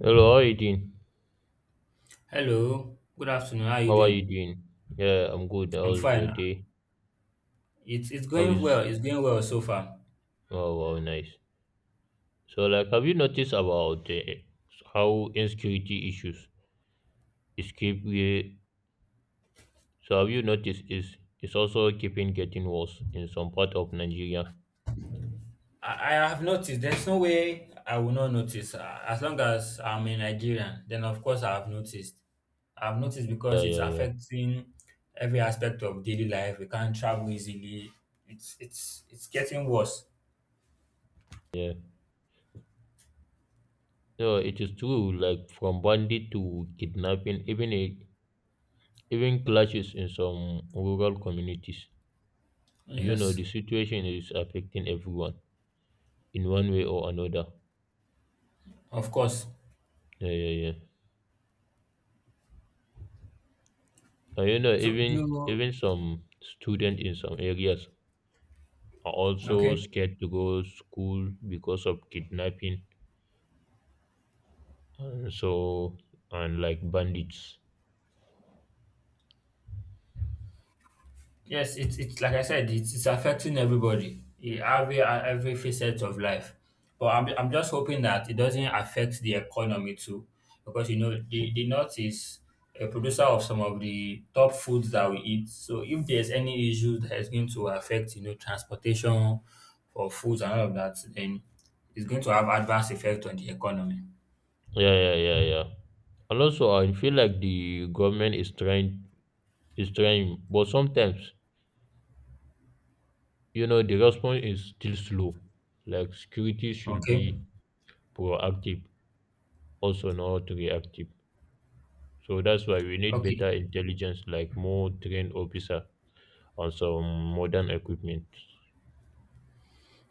Hello, how are you doing? Hello, good afternoon. How are you How are you doing? doing? Yeah, I'm good. I'm How's your fine. day? It's How going is well. It's going well so far. Oh, wow, nice. So, like, have you noticed about how insecurity issues is keep we so have you noticed is it's also keeping getting worse in some part of Nigeria? I have noticed. There's no way I will not notice. As long as I'm a Nigerian, then of course I have noticed. I've noticed Yeah, because it's yeah, yeah, affecting every aspect of daily life. We can't travel easily. It's getting worse. yeah. No, it is true, like from bandit to kidnapping, even clashes in some rural communities. You know, Yes, the situation is affecting everyone in one way or another. of course. Yeah, yeah, yeah. And you know, So even do even some students in some areas are also Okay. scared to go school because of kidnapping and so and like bandits. Yes, it's like I said, it's affecting everybody, every facet of life. But I'm just hoping that it doesn't affect the economy too, because the north is a producer of some of the top foods that we eat. So if there's any issue that is going to affect transportation for foods and all of that, then it's going to have adverse effect on the economy. Yeah, yeah, yeah, yeah. And also, I feel like the government is trying, but sometimes you know the response is still slow. Like security should Okay, be proactive, also not reactive. So that's why we need okay. better intelligence, like more trained officer on some modern equipment.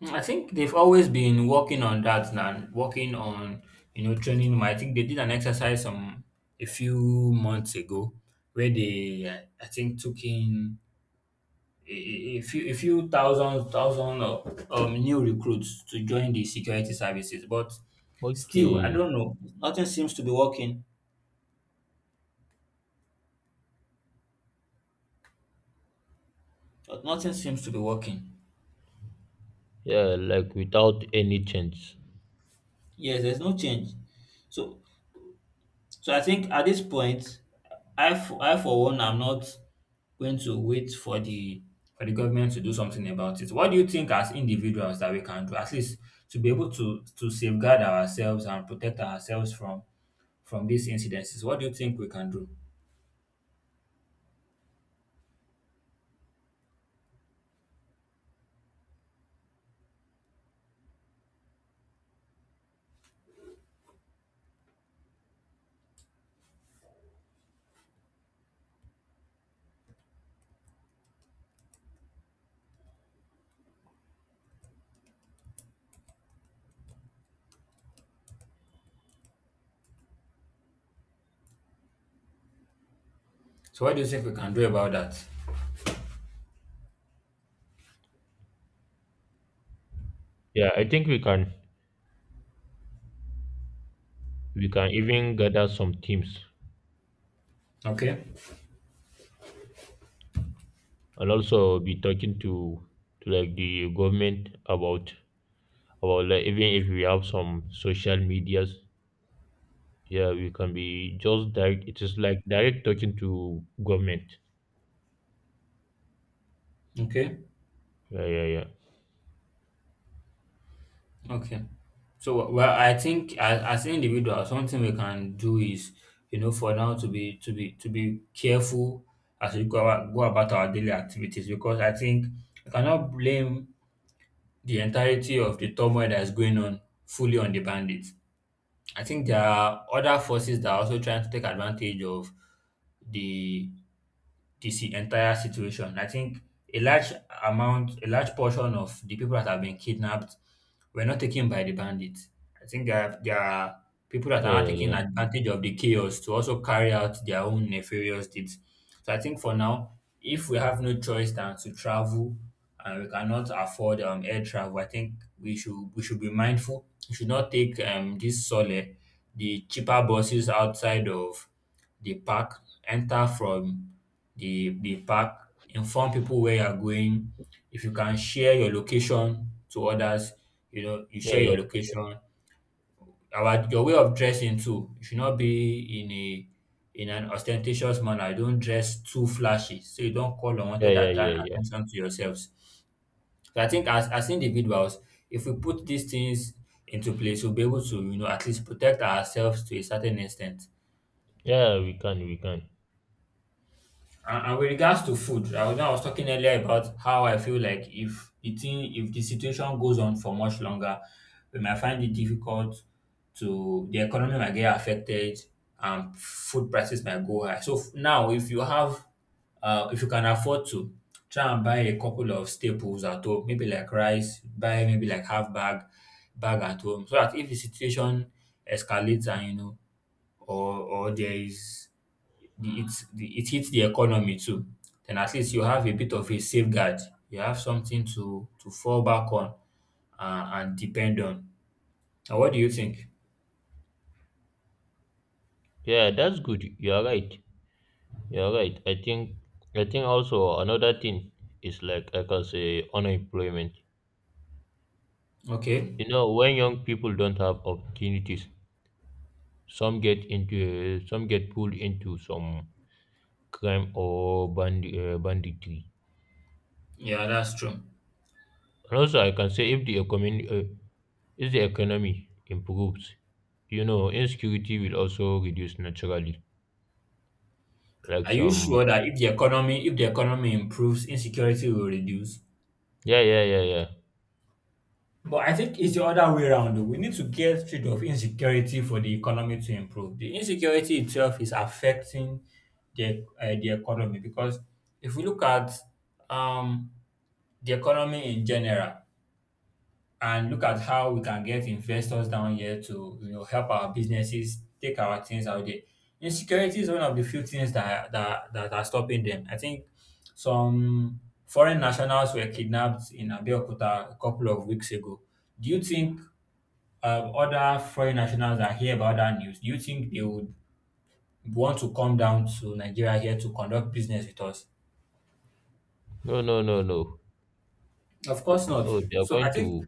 I think they've always been working on that and working on training them. I think they did an exercise some a few months ago where they I think took in a few thousand of new recruits to join the security services, but still I Okay. don't know. Nothing seems to be working. Nothing seems to be working. Yeah, like without any change. Yes, there's no change. So So I think at this point, I for one am not going to wait for the government to do something about it. What do you think as individuals that we can do at least to be able to safeguard ourselves and protect ourselves from these incidences? What do you think we can do? So what do you think we can do about that? Yeah, I think we can even gather some teams Okay. and also be talking to like the government about like even if we have some social medias. Yeah, we can be just direct it is like direct talking to government. Okay. Yeah, yeah, yeah. Okay. So well, I think as individuals, something we can do is, for now to be careful as we go about our daily activities because I think I cannot blame the entirety of the turmoil that is going on fully on the bandits. I think there are other forces that are also trying to take advantage of the this entire situation. I think a large a large portion of the people that have been kidnapped were not taken by the bandits. I think there are people that Yeah, are not yeah, taking yeah. advantage of the chaos to also carry out their own nefarious deeds. So I think for now, if we have no choice than to travel and we cannot afford air travel, I think we should be mindful. We should not take the cheaper buses outside of the park, enter from the the park, inform people where you're going. If you can share your location to others, you Yeah, share yeah, your location. Our Your way of dressing too. You should not be in a in an ostentatious manner. You don't dress too flashy. So you don't call yeah, unwanted yeah, yeah, yeah. attention to yourselves. So I think as individuals, if we put these things into place, we'll be able to, at least protect ourselves to a certain extent. Yeah, we can, we can. And with regards to food, I was talking earlier about how I feel like if the situation goes on for much longer, we might find it difficult to the economy might get affected, and food prices might go high. So now, if you can afford to, try and buy a couple of staples at home, maybe like rice, buy maybe like bag at home, so that if the situation escalates and or there is the it hits the economy too, then at least you have a bit of a safeguard. You have something to fall back on and depend on. Now, what do you think? Yeah, that's good. You are right. Yeah, right. I think also another thing is like I can say unemployment. Okay, You know, when young people don't have opportunities, some get pulled into some banditry. yeah, that's true. And also, I can say if the economy improves, you know, insecurity will also reduce naturally. Like Are you some, sure that if the economy improves, insecurity will reduce? yeah, yeah, yeah, yeah. But I think it's the other way around, though. We need to get rid of insecurity for the economy to improve. The insecurity itself is affecting the economy because if we look at um, the economy in general, and look at how we can get investors down here to help our businesses take our things out there. Insecurity is one of the few things that are stopping them. I think some foreign nationals were kidnapped in Abeokuta a couple of weeks ago. Do you think other foreign nationals that hear about that news, do you think they would want to come down to Nigeria here to conduct business with us? No, no, no, no. Of course not. No, they are So going to.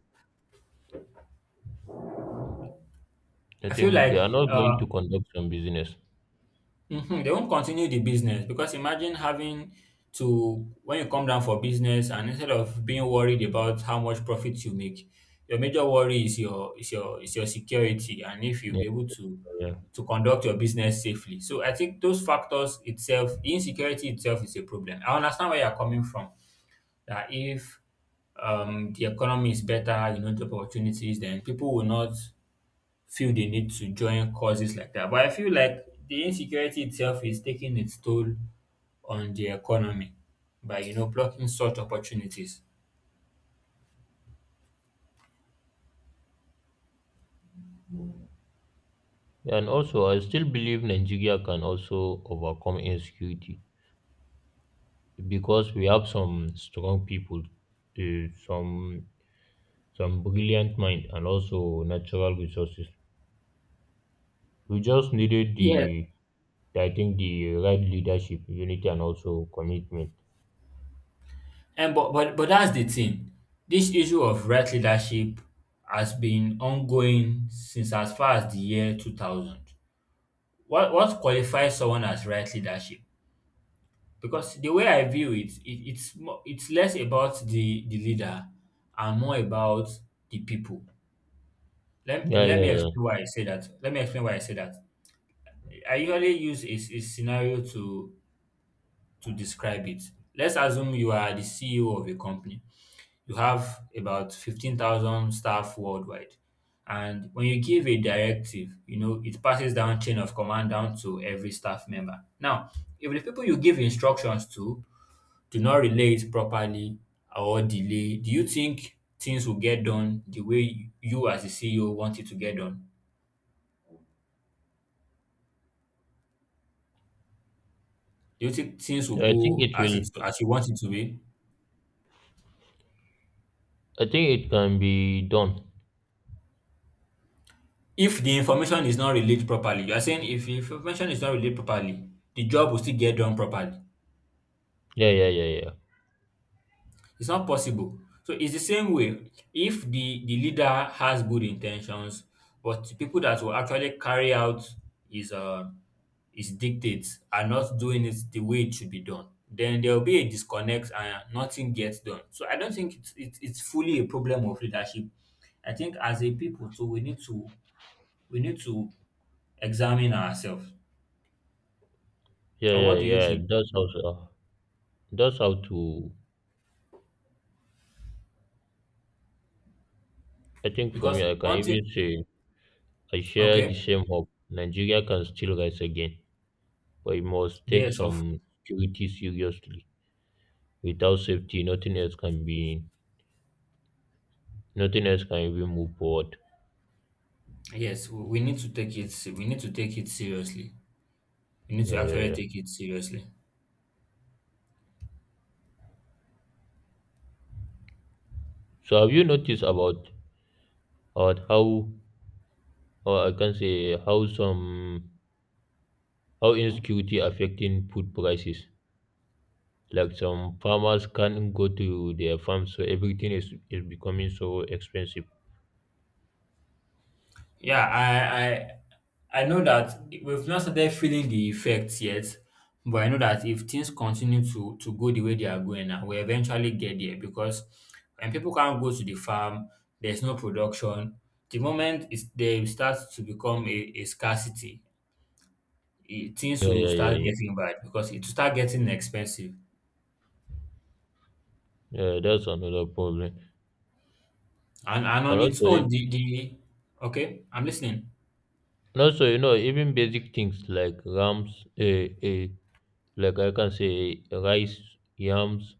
I I feel think they like are not going to conduct some business. Mhm, they won't continue the business because imagine when you come down for business and instead of being worried about how much profit you make, your major worry is your is your is your security and if you'll Yeah, be able to yeah. to conduct your business safely. So I think those factors itself, insecurity itself is a problem. I understand where you're coming from. That if the economy is better, job opportunities, then people will not feel the need to join causes like that. But I feel like the insecurity itself is taking its toll on the economy by blocking such opportunities. And also, I still believe Nigeria can also overcome insecurity because we have some strong people, some brilliant mind, and also natural resources. We just needed Yeah, the, I think, the right leadership, unity, and also commitment. and but that's the thing. This issue of right leadership has been ongoing since as far as the year 2000. What qualifies someone as right leadership? Because the way I view it's less about the leader and more about the people. Let, Yeah, let me yeah, explain why I say that. Let me explain why I say that. I usually use a scenario to describe it. Let's assume you are the CEO of a company. You have about 15,000 staff worldwide. And when you give a directive, it passes down chain of command down to every staff member. Now, if the people you give instructions to do not relay it properly or delay, do you think things will get done the way you as the CEO want it to get done? Do you think things will yeah. I think go it will. As you want it to be? I think it can be done. If the information is not relayed properly, you are saying if the information is not relayed properly, the job will still get done properly. Yeah, yeah, yeah, yeah, It's not possible. So it's the same way. If the leader has good intentions, but the people that will actually carry out his uh his dictates are not doing it the way it should be done, then there will be a disconnect and nothing gets done. So I don't think it's fully a problem of leadership. I think as a people too, we need to examine ourselves. yeah, Or yeah, what do you yeah. think? That's how. That's how to. I think for me, Because I can one even thing, say I share okay, the same hope. Nigeria can still rise again, but it must take yes, of some security seriously. Without safety, nothing else can be, Nothing else can even move forward. yes, we need to take it. We need to take it seriously. We need to Yeah, yeah, actually yeah. take it seriously. So have you noticed about how, or I can say how insecurity affecting food prices? Like some farmers can't go to their farms, so everything is becoming so expensive. Yeah, I know that we've not started feeling the effects yet, but I know that if things continue to go the way they are going now, we eventually get there because when people can't go to the farm, there's no production. The moment they start to become a scarcity, things Yeah, will yeah, yeah, start yeah. getting bad because it will start getting expensive. Yeah, that's another problem. And And on its also, own, the okay, I'm listening. And also, you know, even basic things like rams, like I can say rice, yams,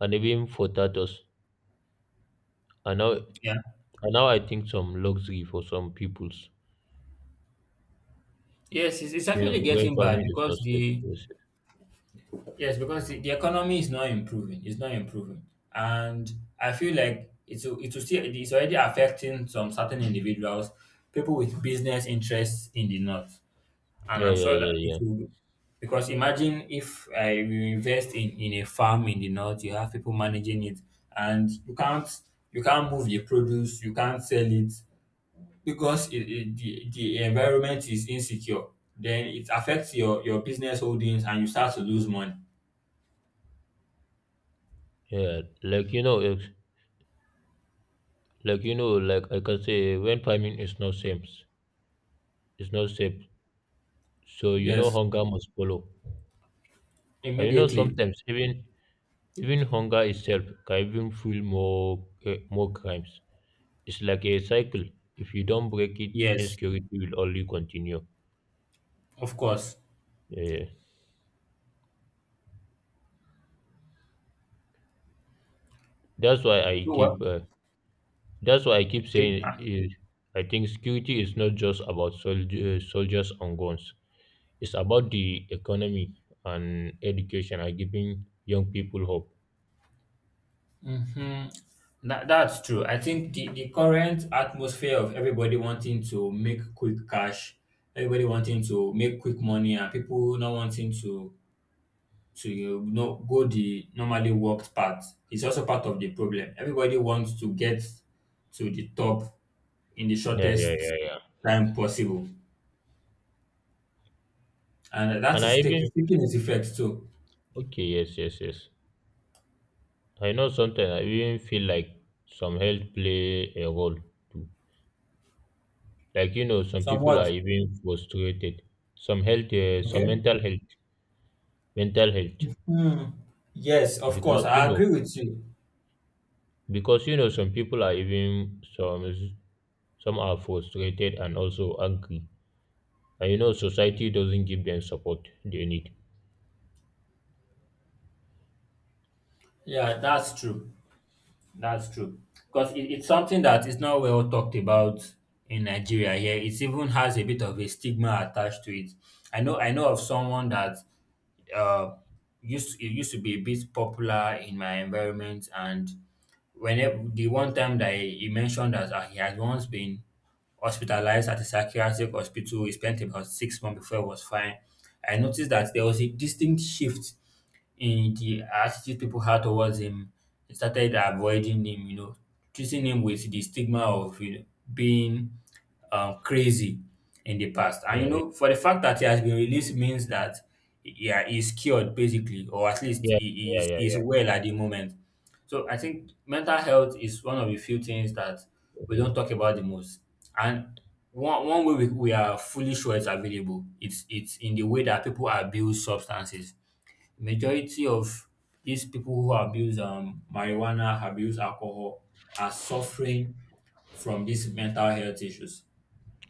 and even potatoes Yeah. are now, I think, some luxury for some peoples, Yes, it's you know, actually when getting bad farming is not because safe. the Yes, yes. yes, because the economy is not improving. It's not improving. And I feel like it's it will still it's already affecting some certain individuals, people with business interests in the north, and Yeah, I'm yeah, sure yeah, that it yeah, will. Because imagine if I will invest in a farm in the north, you have people managing it, and you can't move the produce, you can't sell it because it, the environment is insecure. Then it affects your business holdings, and you start to lose money. yeah. Like you know, if, like you know, like I can say when farming is not safe, it's not safe. So you know, Yes, hunger must follow. And you know, immediately. sometimes even hunger itself can even fuel more crimes. It's like a cycle. If you don't break it, Yes, insecurity will only continue. of course. Yeah. That's why I So well, keep. Uh, that's why I keep okay. saying. I think security is not just about soldiers and guns. It's about the economy and education and giving young people hope. hmm that's true. I think the current atmosphere of everybody wanting to make quick cash, everybody wanting to make quick money, and people not wanting to go the normally worked path is also part of the problem. Everybody wants to get to the top in the Yeah, yeah, shortest yeah, yeah. time possible, and that And I is even taking its effect too. Okay, yes, yes, yes. I know sometimes I even feel like some health play a role too. Like you know, some people are Somewhat even frustrated. Some okay. mental health, mental health, Hmm. Yes, of course, because you I know, agree with you. Some people are even some are frustrated and also angry. And you know, society doesn't give them support they need. Yeah, that's true. That's true. Because it's something that is not well talked about in Nigeria here. It even has a bit of a stigma attached to it. I know of someone that uh used to be a bit popular in my environment, and whenever the one time that he mentioned that he had once been hospitalized at a psychiatric hospital, he spent about 6 months before he was fine. I noticed that there was a distinct shift in the attitude people had towards him, started avoiding him, treating him with the stigma of being crazy in the past. And you Yeah, know, for the fact that he has been released means that yeah, he's cured basically, or at least yeah, he yeah, is yeah, yeah, is yeah, well at the moment. So I think mental health is one of the few things that we yeah, yeah, don't talk about the most. And one way we are fully sure it's available, it's in the way that people abuse substances. Majority of these people who abuse marijuana, abuse alcohol, are suffering from these mental health issues.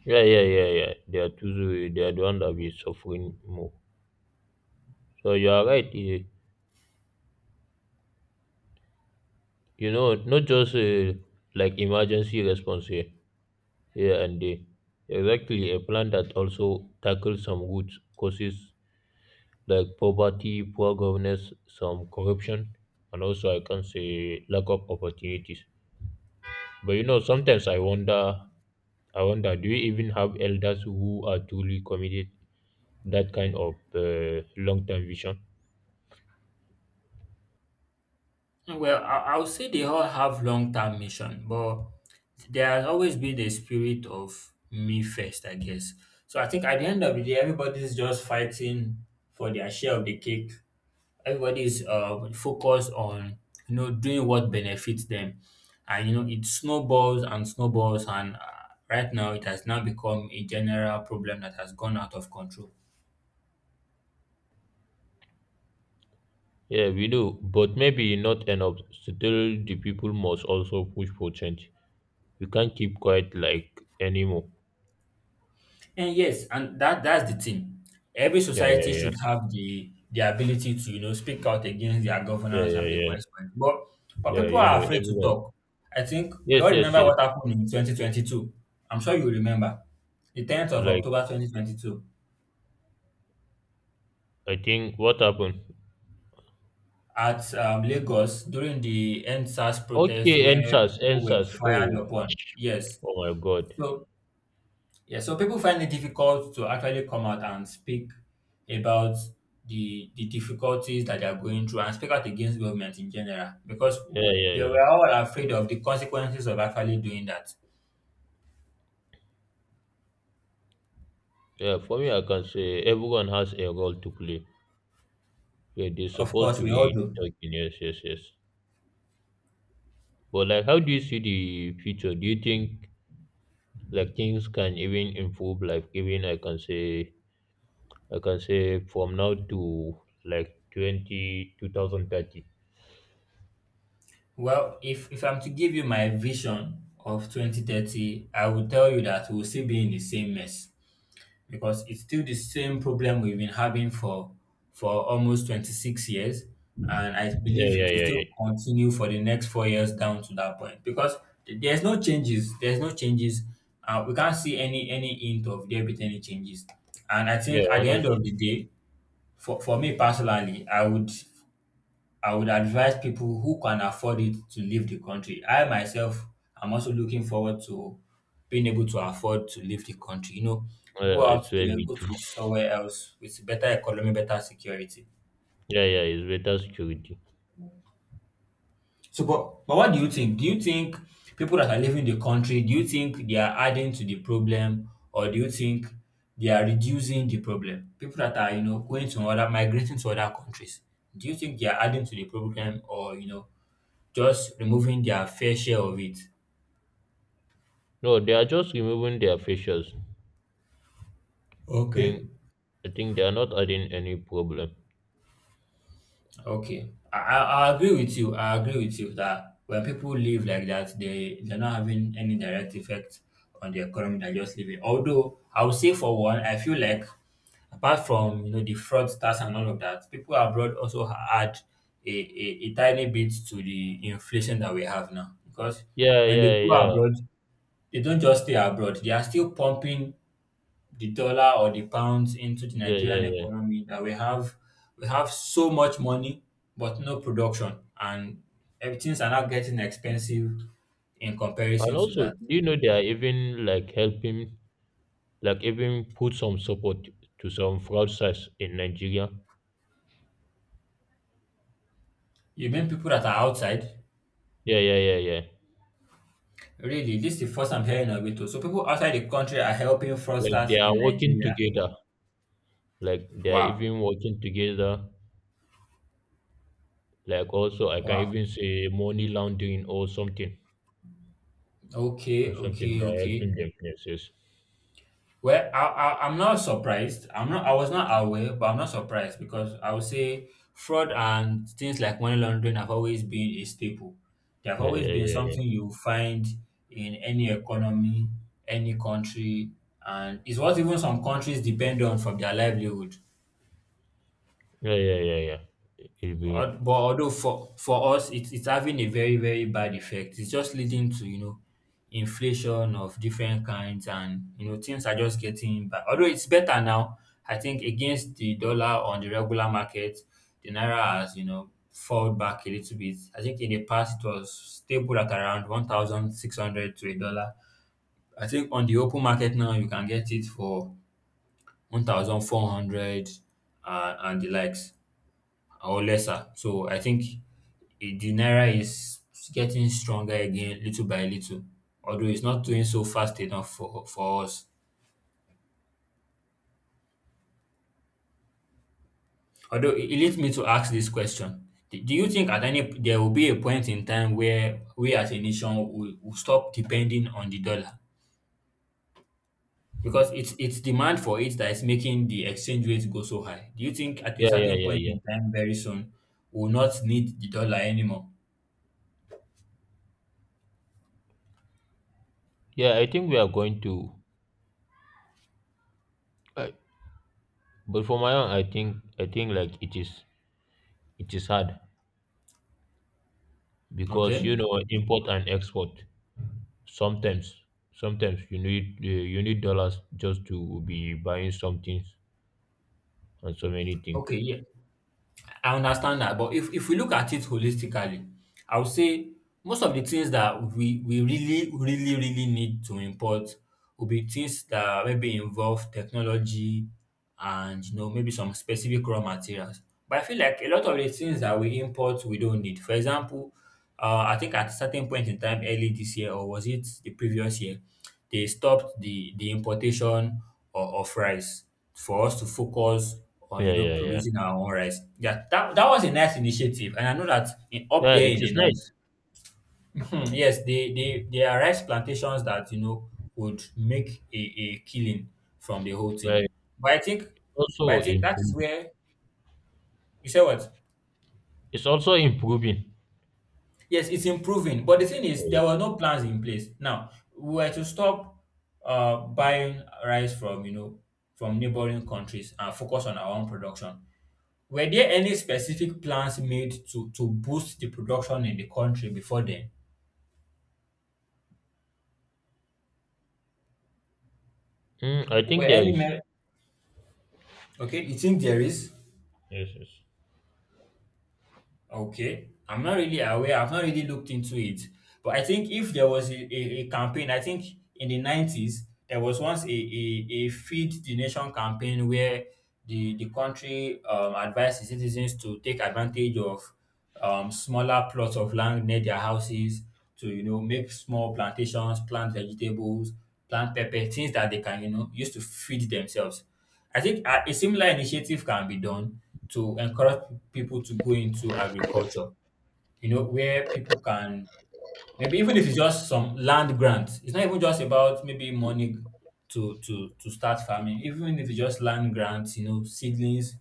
yeah. Yeah, they are too, they are the one that be suffering more. So you are right. You know, not just like emergency response here, and there. Exactly, a plan that also tackles some good causes like poverty, poor governance, some corruption, and also I can say lack of opportunities. But you know, sometimes I wonder, do you even have elders who are truly committed that kind of long-term vision? Well, I would say they all have long term mission, but there has always been a spirit of me first, I guess. So I think at the end of the day, everybody's just fighting for their share of the cake. Everybody's focused on doing what benefits them, and it snowballs and snowballs, and right now it has now become a general problem that has gone out of control. Yeah, we do, but maybe not enough. Still, the people must also push for change. We can't keep quiet like anymore. And yes, and that's the thing. Every Yeah, yeah, society yeah, should have the ability to speak out against their yeah, governance and yeah, yeah. request for it. But Yeah, people you are know, afraid to everyone. talk. I think we Yes, all yes, remember yes. what happened in 2022. I'm sure you remember the 10th of Like, October 2022 I think what happened? at Lagos during the NSAS protest Okay, where answers, people were answers. fired Oh, upon. Yes. oh my God. So yeah, so people find it difficult to actually come out and speak about the difficulties that they are going through and speak out against government in general, because Yeah, yeah, they yeah. were all afraid of the consequences of actually doing that. Yeah, for me, I can say everyone has a role to play. Yeah, they're Of supposed course, to we all be do. talking. Yes, yes, yes. But like, how do you see the future? Do you think like things can even improve? Like, even I can say from now to like 20 2030. Well, if I'm to give you my vision of 2030, I will tell you that we'll still be in the same mess, because it's still the same problem we've been having for almost 26 years, and I Yeah, believe it yeah, will yeah, still yeah. continue for the next 4 years down to that point, because there's no changes. There's no changes. We can't see any hint of there being any changes, and I Yeah, think at the end of the honestly, day, for me personally, I would advise people who can afford it to leave the country. I myself am also looking forward to being able to afford to leave the country. Go I out swear there, me go too. to somewhere else with better economy, better security. Yeah, yeah, it's better security. So, but what do you think? Do you think people that are leaving the country, do you think they are adding to the problem, or do you think they are reducing the problem? People that are, going to migrating to other countries, do you think they are adding to the problem, or, just removing their fair share of it? No, they are just removing their facials. Okay. Think- I think they are not adding any problem. Okay, I agree with you. I agree with you that when people live like that, they're not having any direct effect on the economy. They're just living. Although I would say for one, I feel like apart from the fraudsters and all of that, people abroad also add a tiny bit to the inflation that we have now. Because Yeah, when they yeah, go yeah, abroad, they don't just stay abroad; they are still pumping the dollar or the pounds into the yeah, yeah, Nigerian yeah. economy that we have. We have so much money but no production, and everything's are now getting expensive in And comparison to also, that. do you know they are even like helping, like even put some support to some fraudsters in Nigeria? You mean people that are outside? Yeah, yeah, yeah, yeah. Really, this is the first I'm hearing of it too. So people outside the country are helping Like they fraudsters are in working Nigeria. together. Like they are Wow. even working together. Like also, I can Wow. even say money laundering Okay, or something. okay, They are okay. helping them. Yes, yes. Well, I'm not surprised. I'm not. I was not aware, but I'm not surprised, because I would say fraud and things like money laundering have always been a staple. They have Yeah, always yeah, been yeah, yeah. something you find in any economy, any country, and it's what even some countries depend on for their livelihood. Yeah, yeah, yeah, yeah. It will. But although for us, it's having a very very bad effect. It's just leading to inflation of different kinds, and things are just getting bad. Although it's better now, I think against the dollar on the regular market, the naira has fallen back a little bit. I think in the past it was stable at around 1,600 to a dollar. I think on the open market now you can get it for 1,400, and the likes or lesser. So I think the naira is getting stronger again, little by little. Although it's not doing so fast enough for us. Although it leads me to ask this question: Do you think at any there will be a point in time where we as a nation will stop depending on the dollar? Because it's demand for it that is making the exchange rate go so high. Do you think at a Yeah, yeah, certain yeah, point yeah. in time, very soon, we will not need the dollar anymore? Yeah, I think we are going to. I, but for my own, I think like it is hard Okay. because you know import and export. Sometimes, sometimes you need dollars just to be buying some things and so many Okay. things. Yeah. I understand that, but if we look at it holistically, I would say most of the things that we really really really need to import will be things that maybe involve technology and maybe some specific raw materials. But I feel like a lot of the things that we import we don't need. For example, I think at a certain point in time early this year, or was it the previous year, they stopped the importation of rice for us to focus on Yeah, yeah, yeah. producing our own rice. Yeah, that was a nice initiative, and I know that up Yeah, there it in the is north, nice. yes, they there are rice plantations that would make a killing from the whole But thing. But I think, it's but I also think that is improving. where you say what. It's also improving. Yes, it's improving. But the thing is, there were no plans in place. Now, we were to stop buying rice from neighboring countries and focus on our own production. Were there any specific plans made to boost the production in the country before then? Mm, I Were think there any, is. me- okay, you think there is? Yes, yes. Okay, I'm not really aware. I've not really looked into it, but I think if there was a campaign, I think in the 90s there was once a feed the nation campaign where the country advised the citizens to take advantage of smaller plots of land near their houses to make small plantations, plant vegetables, plant pepper, things that they can use to feed themselves. I think a similar initiative can be done to encourage people to go into agriculture, where people can maybe, even if it's just some land grant, it's not even just about maybe money to start farming, even if it's just land grants, seedlings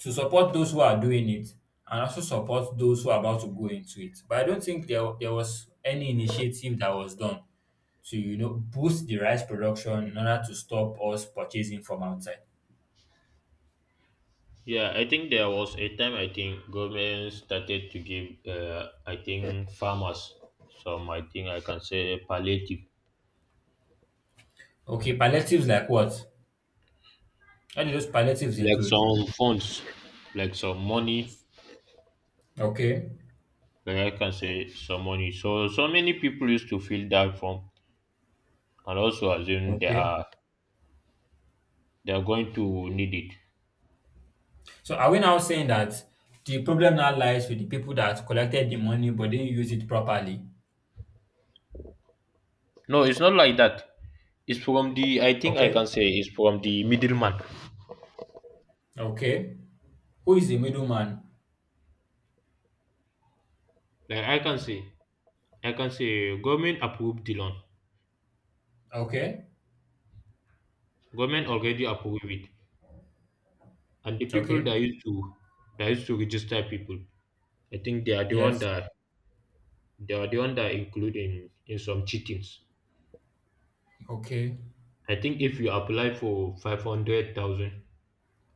to support those who are doing it, and also support those who are about to go into it. But I don't think there was any initiative that was done to, boost the rice production in order to stop us purchasing from outside. Yeah, I think there was a time I think government started to give I think farmers some, I think I can say, palliative, Okay, palliatives like what? What do those palliatives like include? some funds, like some money, Okay, So so many people used to fill that form and also assume okay. They are going to need it. So are we now saying that the problem now lies with the people that collected the money but didn't use it properly? No, it's not like that. It's from the I think I Okay, can say it's from the middleman. okay. Who is the middleman? Like I can say government approved the loan. Okay, Government already approved it, and the people okay. that used to register people, I think they are the one Yes. that include in some cheatings. Okay. I think if you apply for 500,000,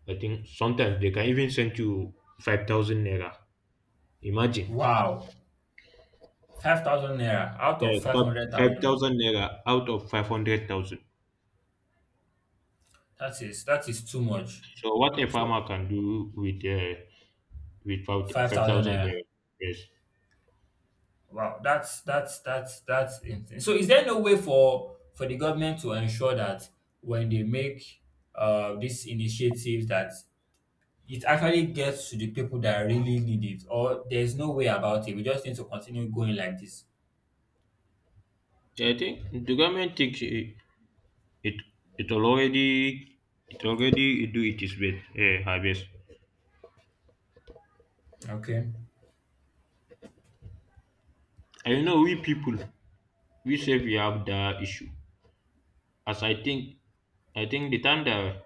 I think sometimes they can even send you 5,000 naira. Imagine. Wow. 5,000 naira out Yes, of 500,000. 5,000 naira out of 500,000. That is too much. So what a So farmer can do with 5,000 5,000 naira. naira. Yes. Wow, that's insane. So, is there no way for the government to ensure that when they make these initiatives that it actually gets to the people that really need it, or there's no way about it? We just need to continue going like this. I think the government takes. It it already it already do it is best eh, her best. Okay. And you know we people, we say we have that issue. As I think The time that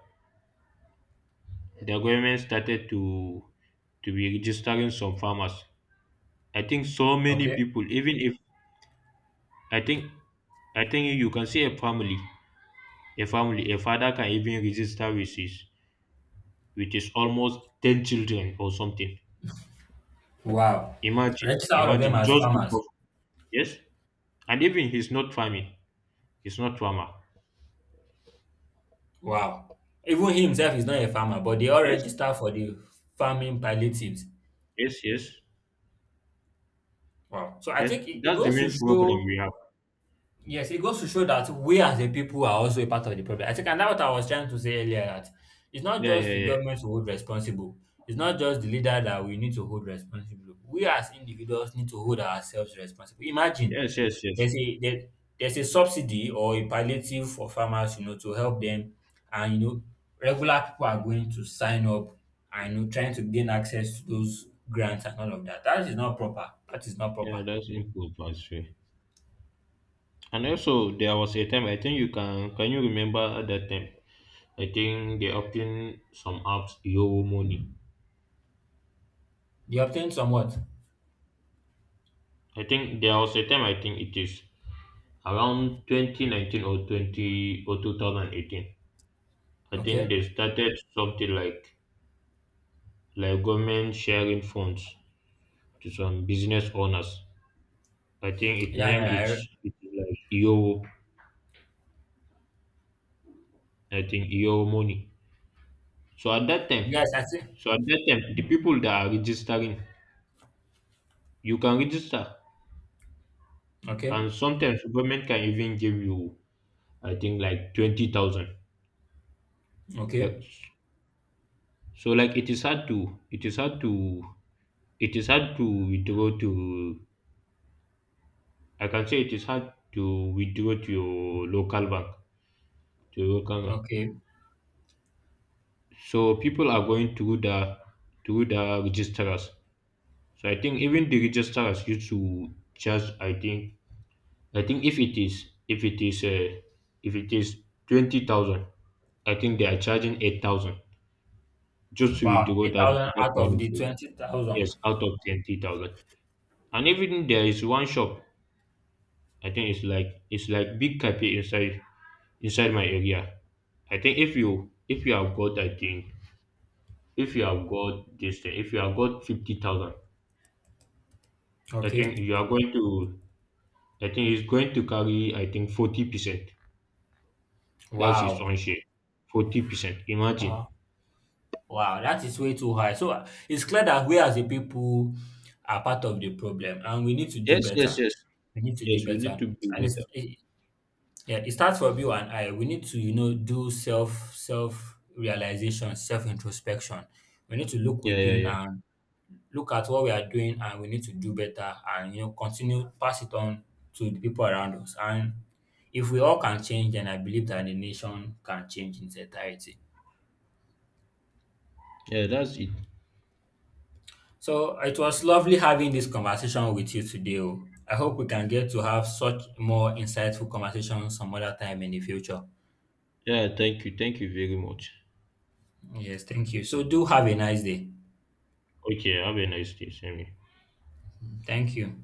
the government started to be registering some farmers, I think so many Okay. people, even if, I think I think you can see a family, a father can even register with his almost 10 children or something. Wow. Imagine, Register all of them imagine, as just to farmers. Yes, and even he's not farming. It's not trauma. Wow. Even he himself is not a farmer, but they all Yes, register for the farming palliatives. yes, yes, Wow. So I yes. think it That's the goes to main problem show. we have. Yes, it goes to show that we as a people are also a part of the problem. I think, and that's what I was trying to say earlier, that it's not Yeah, just yeah, the yeah. government to hold responsible. It's not just the leader that we need to hold responsible. We as individuals need to hold ourselves responsible. Imagine Yes, yes, yes. there's a there, there's a subsidy or a palliative for farmers, to help them, and regular people are going to sign up and trying to gain access to those grants and all of that. That is not proper. That is not proper. Yeah, that's input transfer. And also, there was a time I think you can you remember that time? I think they opened some apps Yo Money. They obtain somewhat. I think there was a time I think it is around 2019 or 20 or 2018. I think they Okay. started something like government sharing funds to some business owners. I think its Yeah, name yeah, yeah. Is it is like Iowo. I think Iowo money. So at that time, Yes, I see. so at that time, the people that are registering, you can register, Okay, and sometimes government can even give you, I think, like 20,000. okay, Like, so like it is hard to withdraw to, I can say, it is hard to withdraw to your local bank to your local bank. okay. So people are going through the registrars. So I think even the register has used to charge. I think if it is if it is 20,000, I think they are charging 8,000 just to Wow, withdraw that 8,000 that out of money. the 20,000. Yes, out of 20,000. And even there is one shop. I think it's like big cafe inside my area. I think if you have got, I think, if you have got this thing, if you have got 50,000, I Okay, think you are going to I think he's going to carry, I think, 40%. That's his own wow, share. 40%. Imagine. wow, wow, that is way too high. So it's clear that we as a people are part of the problem, and we need to do Yes, yes, better. yes. We need to do Yes, we need better. to be And better. Yeah, it starts from you and I. We need to, do self realization, self introspection. We need to look Yeah, yeah, within yeah. and look at what we are doing, and we need to do better, and continue pass it on to the people around us, and if we all can change, then I believe that the nation can change in its entirety. Yeah, that's it. So it was lovely having this conversation with you today. Oh, I hope we can get to have such more insightful conversations some other time in the future. Yeah, thank you. Thank you very much. Yes, thank you. So do have a nice day. Okay, have a nice day, Sammy. Thank you.